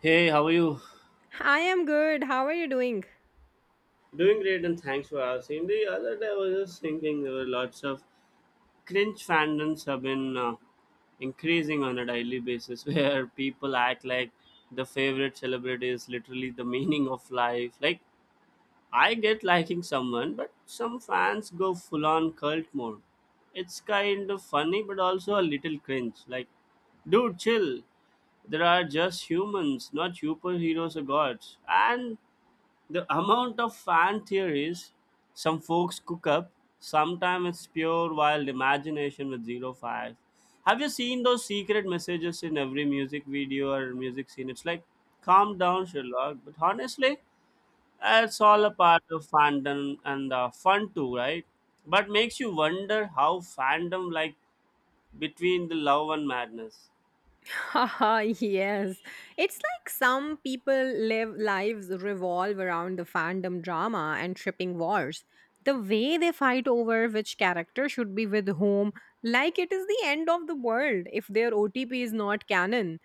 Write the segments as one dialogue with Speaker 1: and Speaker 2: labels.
Speaker 1: Hey, how are you?
Speaker 2: I am good. How are you doing?
Speaker 1: Doing great and thanks for asking. The other day I was just thinking there were lots of cringe fandoms have been increasing on a daily basis where people act like the favorite celebrity is literally the meaning of life. Like I get liking someone, but some fans go full on cult mode. It's kind of funny, but also a little cringe. Like, dude, chill. There are just humans, not superheroes or gods. And the amount of fan theories some folks cook up, sometimes it's pure wild imagination with zero facts. Have you seen those secret messages in every music video or music scene? It's like, calm down, Sherlock. But honestly, it's all a part of fandom and fun too, right? But makes you wonder how fandom, like between the love and madness.
Speaker 2: Haha, yes. It's like some people live lives revolve around the fandom drama and shipping wars. The way they fight over which character should be with whom, like it is the end of the world if their OTP is not canon.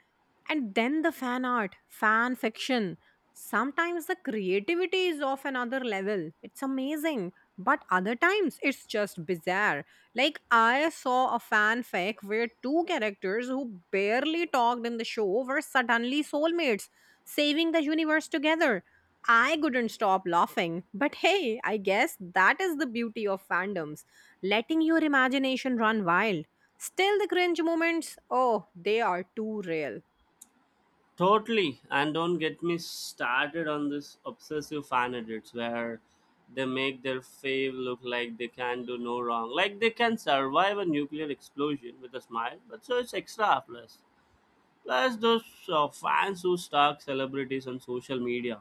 Speaker 2: And then the fan art, fan fiction. Sometimes the creativity is of another level. It's amazing. But other times it's just bizarre. Like, I saw a fanfic where two characters who barely talked in the show were suddenly soulmates, saving the universe together. I couldn't stop laughing. But hey, I guess that is the beauty of fandoms letting your imagination run wild. Still, the cringe moments, oh, they are too real.
Speaker 1: Totally, and don't get me started on this obsessive fan edits where they make their fave look like they can do no wrong, like they can survive a nuclear explosion with a smile, but so it's extra plus. Plus, those fans who stalk celebrities on social media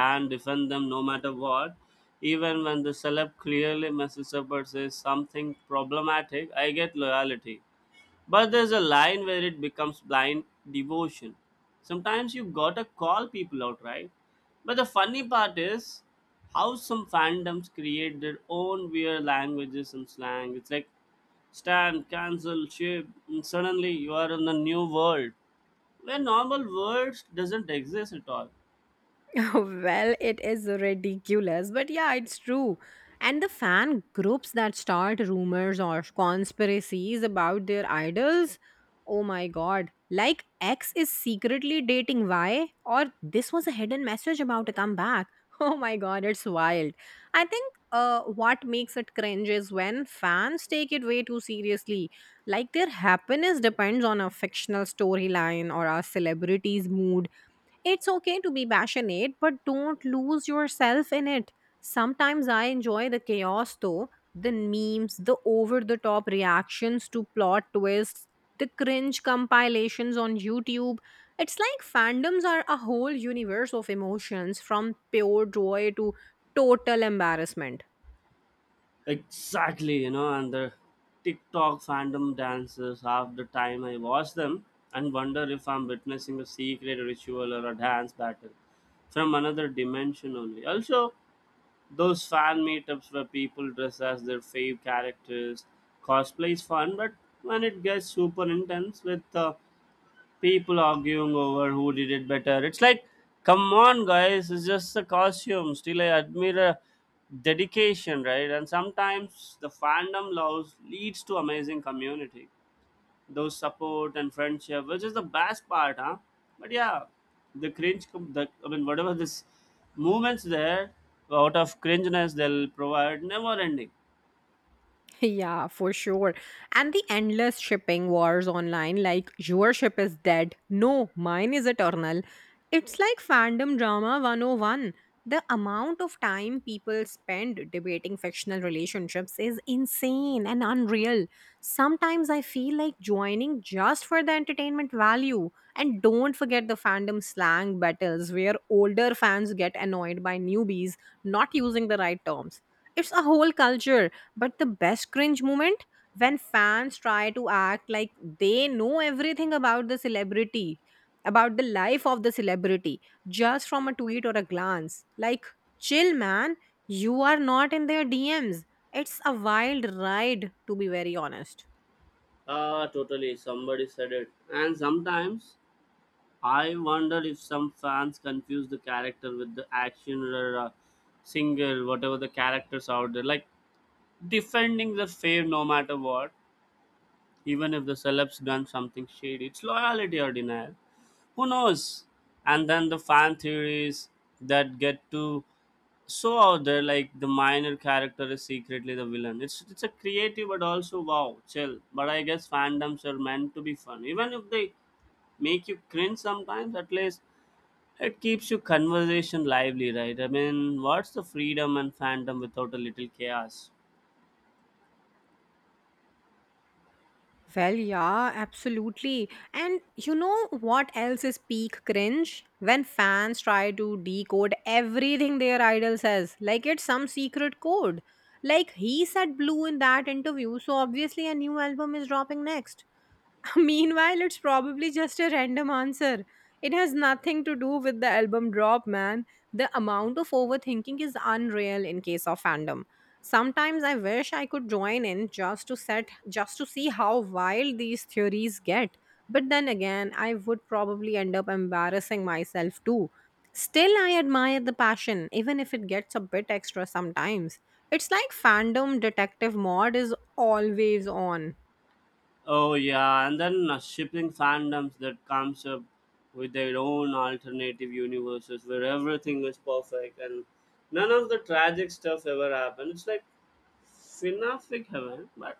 Speaker 1: and defend them no matter what, even when the celeb clearly messes up or says something problematic, I get loyalty. But there's a line where it becomes blind devotion. Sometimes you gotta call people out, right? But the funny part is how some fandoms create their own weird languages and slang. It's like stand, cancel, ship, and suddenly you are in the new world where normal words doesn't exist at all.
Speaker 2: Well, it is ridiculous, but yeah, it's true. And the fan groups that start rumors or conspiracies about their idols, oh my god. Like X is secretly dating Y, or this was a hidden message about a comeback. Oh my god, it's wild. I think what makes it cringe is when fans take it way too seriously. Like their happiness depends on a fictional storyline or a celebrity's mood. It's okay to be passionate, but don't lose yourself in it. Sometimes I enjoy the chaos though, the memes, the over the top reactions to plot twists, the cringe compilations on YouTube. It's like fandoms are a whole universe of emotions from pure joy to total embarrassment.
Speaker 1: Exactly, you know, and the TikTok fandom dances, half the time I watch them and wonder if I'm witnessing a secret ritual or a dance battle from another dimension only. Also, those fan meetups where people dress as their fave characters, cosplay is fun, but when it gets super intense with people arguing over who did it better. It's like, come on guys, it's just the costume. Still, I admire the dedication, right? And sometimes the fandom loves leads to amazing community, those support and friendship, which is the best part, huh? But yeah, the cringe, com- the I mean, whatever this movements there, out of cringeness they'll provide, never ending.
Speaker 2: Yeah, for sure. And the endless shipping wars online, like your ship is dead. No, mine is eternal. It's like fandom drama 101. The amount of time people spend debating fictional relationships is insane and unreal. Sometimes I feel like joining just for the entertainment value. And don't forget the fandom slang battles where older fans get annoyed by newbies not using the right terms. It's a whole culture, but the best cringe moment, when fans try to act like they know everything about the celebrity, about the life of the celebrity, just from a tweet or a glance. Like, chill, man. You are not in their DMs. It's a wild ride, to be very honest.
Speaker 1: Ah, totally. Somebody said it, and sometimes I wonder if some fans confuse the character with the action or singer, whatever the characters out there, like defending the fame no matter what, even if the celebs done something shady. It's loyalty or denial. Who knows? And then the fan theories that get to so out there, like the minor character is secretly the villain. It's a creative, but also wow, chill. But I guess fandoms are meant to be fun, even if they make you cringe sometimes. At least it keeps your conversation lively, right? I mean, what's the freedom and fandom without a little chaos?
Speaker 2: Well, yeah, absolutely. And you know what else is peak cringe? When fans try to decode everything their idol says, like it's some secret code. Like he said blue in that interview, so obviously a new album is dropping next. Meanwhile, it's probably just a random answer. It has nothing to do with the album drop, man. The amount of overthinking is unreal in case of fandom. Sometimes I wish I could join in just to set just to see how wild these theories get. But then again, I would probably end up embarrassing myself too. Still, I admire the passion, even if it gets a bit extra sometimes. It's like fandom detective mod is always on.
Speaker 1: Oh yeah, and then shipping fandoms that comes up with their own alternative universes where everything is perfect and none of the tragic stuff ever happened. It's like fanfic heaven,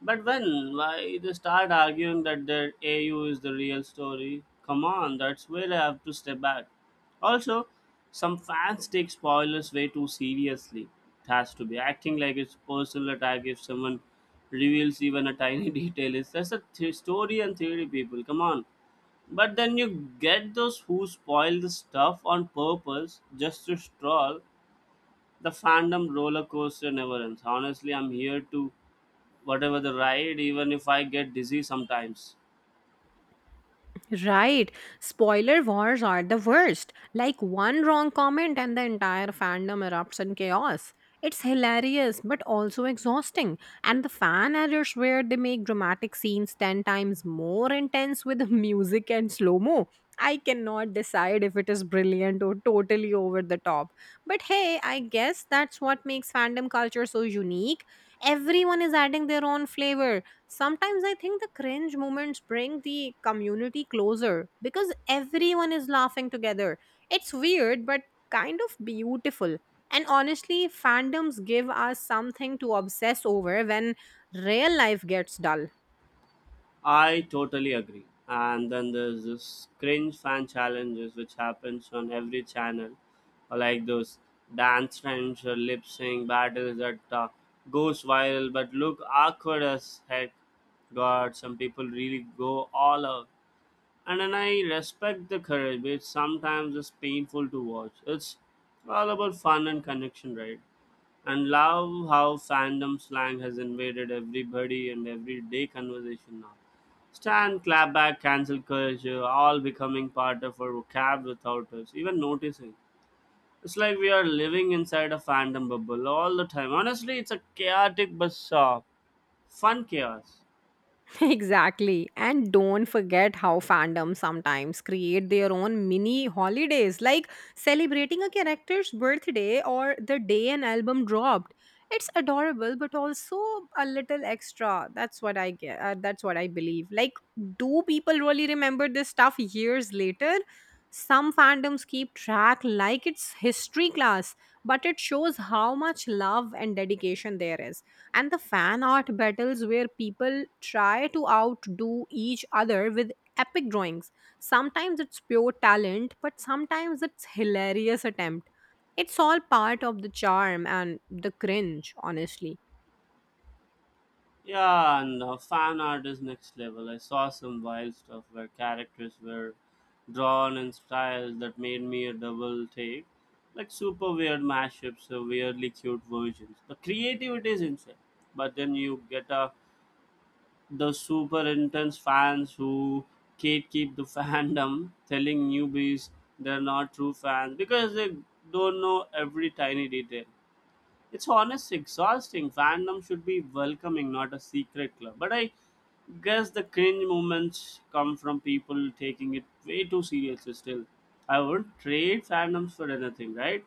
Speaker 1: but when? Why they start arguing that their AU is the real story? Come on, that's where I have to step back. Also, some fans take spoilers way too seriously. It has to be acting like it's personal attack if someone reveals even a tiny detail. It's just a story and theory, people. Come on. But then you get those who spoil the stuff on purpose just to troll. The fandom roller coaster never ends. Honestly, I'm here to whatever the ride, even if I get dizzy sometimes.
Speaker 2: Right. Spoiler wars are the worst. Like one wrong comment and the entire fandom erupts in chaos. It's hilarious but also exhausting. And the fan editors where they make dramatic scenes 10 times more intense with music and slow-mo. I cannot decide if it is brilliant or totally over the top. But hey, I guess that's what makes fandom culture so unique. Everyone is adding their own flavor. Sometimes I think the cringe moments bring the community closer because everyone is laughing together. It's weird, but kind of beautiful. And honestly, fandoms give us something to obsess over when real life gets dull.
Speaker 1: I totally agree, and then there's this cringe fan challenges which happens on every channel, or like those dance trends or lip sync battles that goes viral but look awkward as heck. God, some people really go all out, and then I respect the courage, which sometimes is painful to watch. It's all about fun and connection, right? And love how fandom slang has invaded everybody and everyday conversation now. Stand, clap back, cancel culture, all becoming part of our vocab without us even noticing. It's like we are living inside a fandom bubble all the time. Honestly, it's a chaotic but fun chaos.
Speaker 2: Exactly. And don't forget how fandoms sometimes create their own mini holidays, like celebrating a character's birthday or the day an album dropped. It's adorable, but also a little extra. That's what I get. That's what I believe. Like, do people really remember this stuff years later? Some fandoms keep track like it's history class, but it shows how much love and dedication there is, and the fan art battles where people try to outdo each other with epic drawings. Sometimes it's pure talent, but sometimes it's hilarious attempt. It's all part of the charm and the cringe, honestly.
Speaker 1: Yeah, and fan art is next level. I saw some wild stuff where characters were drawn in styles that made me a double take. Like super weird mashups or weirdly cute versions. The creativity is insane. But then you get the super intense fans who gatekeep the fandom, telling newbies they're not true fans because they don't know every tiny detail. It's honestly exhausting. Fandom should be welcoming, not a secret club. But I guess the cringe moments come from people taking it way too seriously still. I wouldn't trade fandoms for anything, right?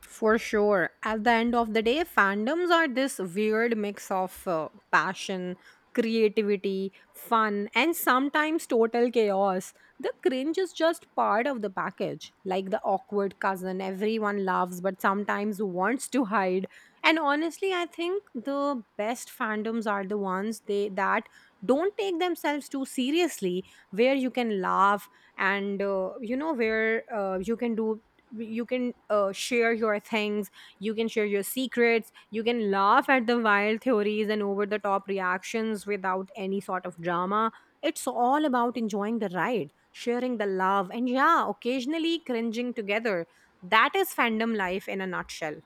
Speaker 2: For sure. At the end of the day, fandoms are this weird mix of passion, creativity, fun, and sometimes total chaos. The cringe is just part of the package, like the awkward cousin everyone loves but sometimes wants to hide. And honestly, I think the best fandoms are the ones they that don't take themselves too seriously, where you can laugh and you know, where you can share your things, you can share your secrets, you can laugh at the wild theories and over the top reactions without any sort of drama. It's all about enjoying the ride, sharing the love, and yeah, occasionally cringing together. That is fandom life in a nutshell.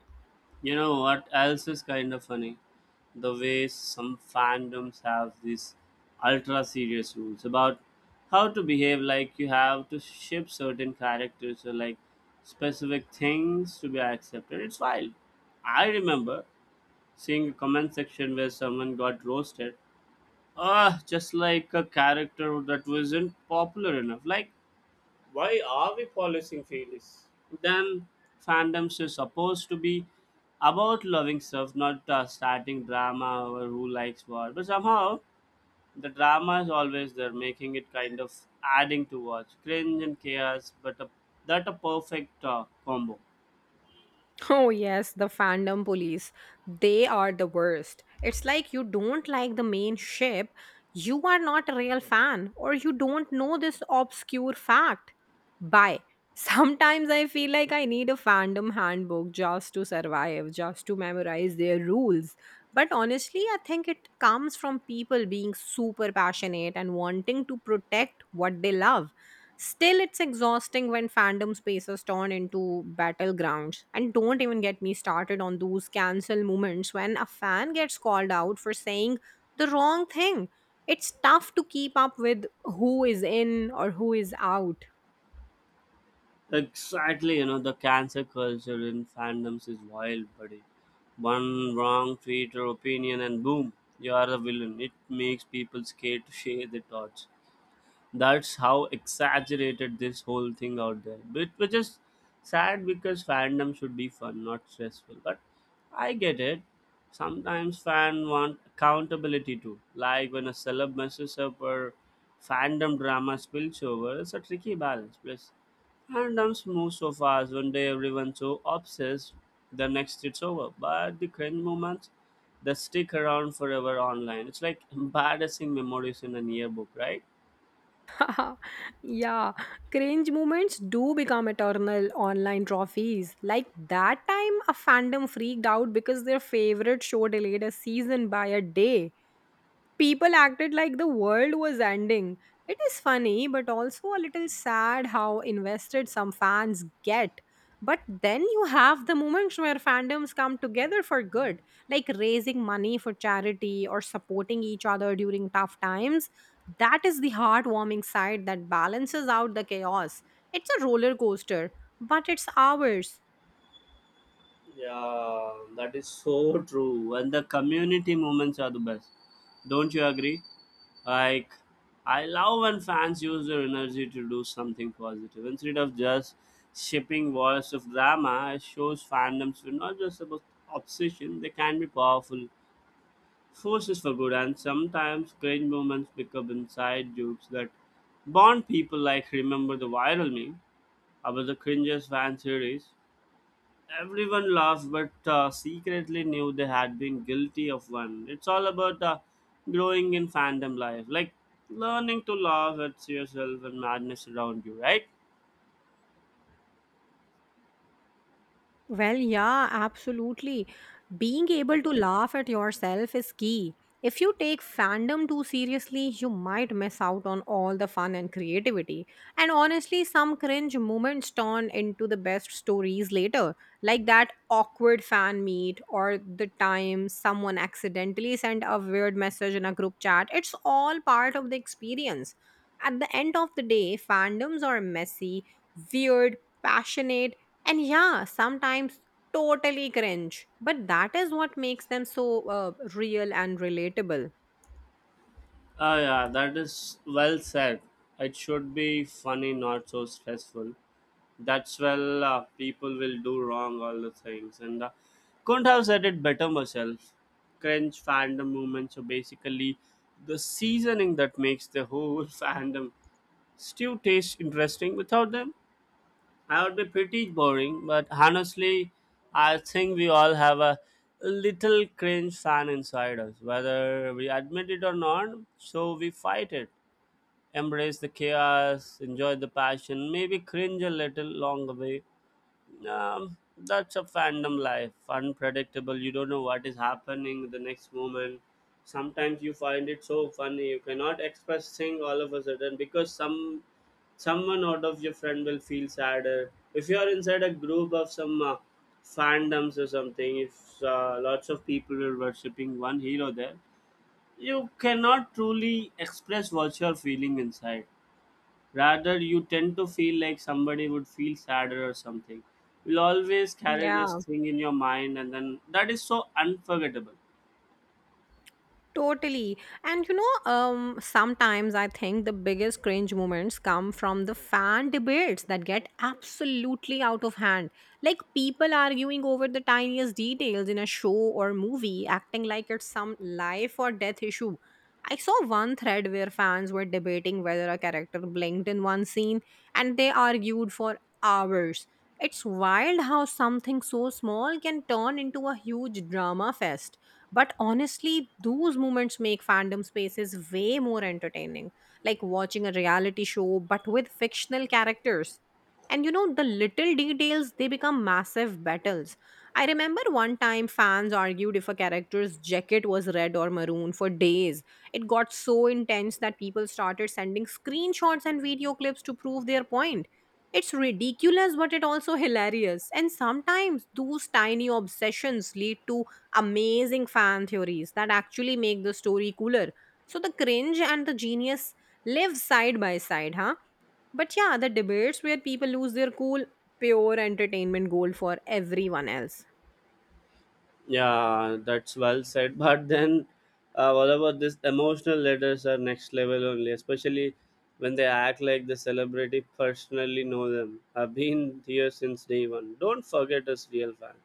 Speaker 1: You know what else is kind of funny? The way some fandoms have these ultra serious rules about how to behave, like you have to ship certain characters or like specific things to be accepted. It's wild. I remember seeing a comment section where someone got roasted, just like a character that wasn't popular enough, like why are we policing feelings? Then fandoms is supposed to be about loving stuff, not starting drama over who likes what, but somehow the drama is always there, making it kind of adding to watch cringe and chaos, but that a perfect combo.
Speaker 2: Oh, yes, the fandom police. They are the worst. It's like you don't like the main ship, you are not a real fan, or you don't know this obscure fact. Bye. Sometimes I feel like I need a fandom handbook just to survive, just to memorize their rules. But honestly, I think it comes from people being super passionate and wanting to protect what they love. Still, it's exhausting when fandom spaces turn into battlegrounds. And don't even get me started on those cancel moments when a fan gets called out for saying the wrong thing. It's tough to keep up with who is in or who is out.
Speaker 1: Exactly, you know, the cancer culture in fandoms is wild, buddy. One wrong tweet or opinion, and boom, you are the villain. It makes people scared to share their thoughts. That's how exaggerated this whole thing out there. But which is sad because fandom should be fun, not stressful. But I get it, sometimes fan want accountability too, like when a celeb messes up or fandom drama spills over. It's a tricky balance. Plus fandoms move so fast, one day everyone's so obsessed, the next it's over. But the cringe moments, they stick around forever online. It's like embarrassing memories in an yearbook, right?
Speaker 2: Yeah, cringe moments do become eternal online trophies. Like that time, a fandom freaked out because their favorite show delayed a season by a day. People acted like the world was ending. It is funny, but also a little sad how invested some fans get. But then you have the moments where fandoms come together for good, like raising money for charity or supporting each other during tough times. That is the heartwarming side that balances out the chaos. It's a roller coaster, but it's ours.
Speaker 1: Yeah, that is so true. And the community moments are the best. Don't you agree? Like, I love when fans use their energy to do something positive. Instead of just shipping walls of drama, it shows fandoms were not just about obsession, they can be powerful forces for good. And sometimes cringe moments become inside jokes that bond people, like remember the viral meme about the cringes fan series? Everyone laughs, but secretly knew they had been guilty of one. It's all about growing in fandom life, like learning to laugh at yourself and madness around you, right?
Speaker 2: Well, yeah, absolutely. Being able to laugh at yourself is key. If you take fandom too seriously, you might miss out on all the fun and creativity. And honestly, some cringe moments turn into the best stories later, like that awkward fan meet or the time someone accidentally sent a weird message in a group chat. It's all part of the experience. At the end of the day, fandoms are messy, weird, passionate, and yeah, sometimes totally cringe, but that is what makes them so real and relatable.
Speaker 1: Ah, yeah, that is well said. It should be funny, not so stressful. That's well, people will do wrong all the things, and couldn't have said it better myself. Cringe fandom movements are basically the seasoning that makes the whole fandom stew tastes interesting. Without them, I would be pretty boring. But honestly, I think we all have a little cringe fan inside us, whether we admit it or not. So we fight it, embrace the chaos, enjoy the passion, maybe cringe a little along the way. That's a fandom life, unpredictable. You don't know what is happening the next moment. Sometimes you find it so funny you cannot express thing all of a sudden, because someone out of your friend will feel sadder. If you are inside a group of some fandoms or something, if lots of people are worshipping one hero there, you cannot truly express what you're feeling inside, rather you tend to feel like somebody would feel sadder or something. You'll always carry this
Speaker 2: Yeah.
Speaker 1: thing in your mind, and then that is so unforgettable.
Speaker 2: Totally. And you know, sometimes I think the biggest cringe moments come from the fan debates that get absolutely out of hand. Like people arguing over the tiniest details in a show or movie, acting like it's some life or death issue. I saw one thread where fans were debating whether a character blinked in one scene and they argued for hours. It's wild how something so small can turn into a huge drama fest, but honestly, those moments make fandom spaces way more entertaining, like watching a reality show but with fictional characters. And you know, the little details, they become massive battles. I remember one time fans argued if a character's jacket was red or maroon for days. It got so intense that people started sending screenshots and video clips to prove their point. It's ridiculous, but it also hilarious. And sometimes those tiny obsessions lead to amazing fan theories that actually make the story cooler. So the cringe and the genius live side by side, huh? But yeah, the debates where people lose their cool, pure entertainment gold for everyone else.
Speaker 1: Yeah, that's well said. But then, what about this? Emotional letters are next level only, especially when they act like the celebrity personally know them. I've been here since day one. Don't forget us, real fans.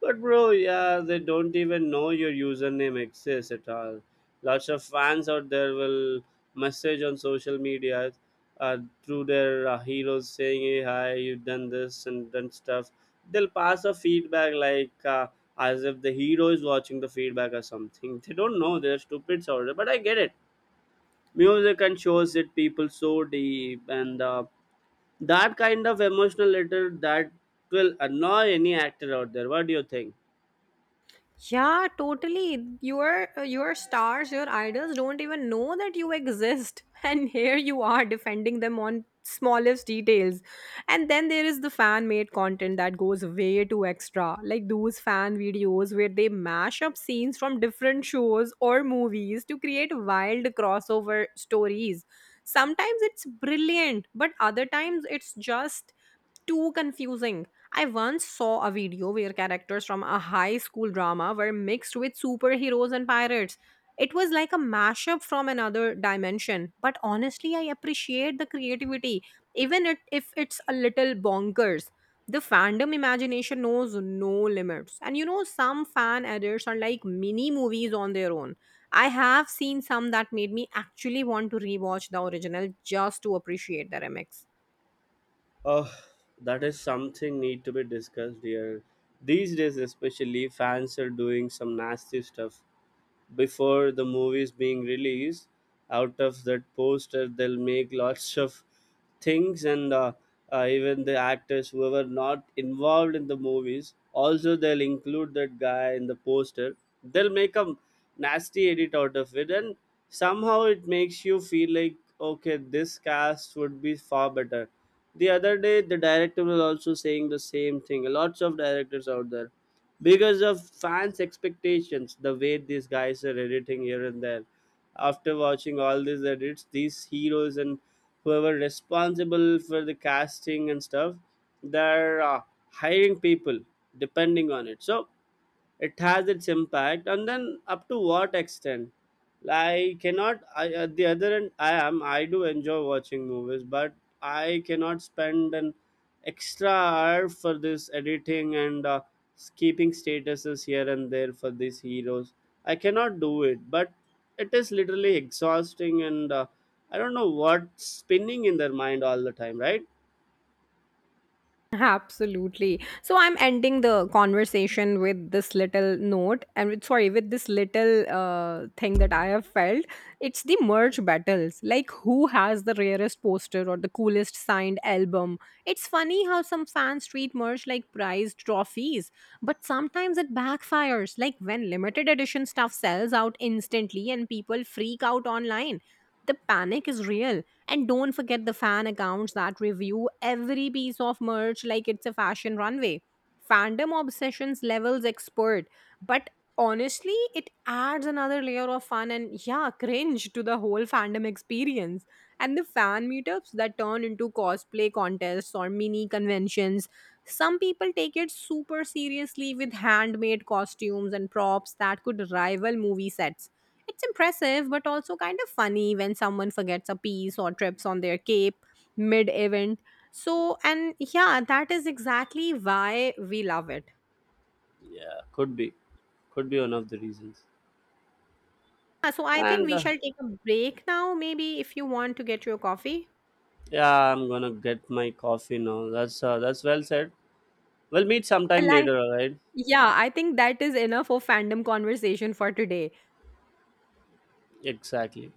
Speaker 1: But bro, yeah, they don't even know your username exists at all. Lots of fans out there will message on social media through their heroes, saying, "Hey, hi, you've done this and done stuff." They'll pass a feedback like as if the hero is watching the feedback or something. They don't know, they're stupids out there, but I get it. Music and shows hit people so deep, and that kind of emotional letter that will annoy any actor out there. What do you think?
Speaker 2: Yeah, totally. Your stars, your idols don't even know that you exist, and here you are defending them on smallest details. And then there is the fan made content that goes way too extra, like those fan videos where they mash up scenes from different shows or movies to create wild crossover stories. Sometimes it's brilliant, but other times it's just too confusing. I once saw a video where characters from a high school drama were mixed with superheroes and pirates. It was like a mashup from another dimension. But honestly, I appreciate the creativity, even it, if it's a little bonkers. The fandom imagination knows no limits. And you know, some fan edits are like mini movies on their own. I have seen some that made me actually want to rewatch the original just to appreciate the remix.
Speaker 1: Oh, that is something need to be discussed here. These days especially, fans are doing some nasty stuff before the movies being released. Out of that poster they'll make lots of things, and even the actors who were not involved in the movies also, they'll include that guy in the poster. They'll make a nasty edit out of it, and somehow it makes you feel like okay, this cast would be far better. The other day the director was also saying the same thing. Lots of directors out there, because of fans' expectations, the way these guys are editing here and there. After watching all these edits, these heroes and whoever responsible for the casting and stuff, they're hiring people depending on it. So it has its impact, and then up to what extent? I cannot. I, at the other end, I am. I do enjoy watching movies, but I cannot spend an extra hour for this editing and skipping statuses here and there for these heroes. I cannot do it, but it is literally exhausting, and I don't know what's spinning in their mind all the time, right?
Speaker 2: Absolutely. So I'm ending the conversation with this little note and with, sorry, with this little thing that I have felt. It's the merch battles. Like, who has the rarest poster or the coolest signed album? It's funny how some fans treat merch like prized trophies, but sometimes it backfires. Like, when limited edition stuff sells out instantly and people freak out online. The panic is real. And don't forget the fan accounts that review every piece of merch like it's a fashion runway. Fandom obsessions levels expert. But honestly, it adds another layer of fun and, yeah, cringe to the whole fandom experience. And the fan meetups that turn into cosplay contests or mini conventions. Some people take it super seriously with handmade costumes and props that could rival movie sets. It's impressive, but also kind of funny when someone forgets a piece or trips on their cape mid event. So, and yeah, that is exactly why we love it.
Speaker 1: Yeah, could be one of the reasons.
Speaker 2: So, I think
Speaker 1: And
Speaker 2: we shall take a break now, maybe if you want to get your coffee.
Speaker 1: yeah, I'm gonna get my coffee now. That's well said. We'll meet sometime
Speaker 2: Well, I,
Speaker 1: later, all right?
Speaker 2: yeah, I think that is enough of fandom conversation for today.
Speaker 1: Exactly.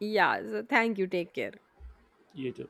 Speaker 2: Yeah, so thank you. Take care.
Speaker 1: You too.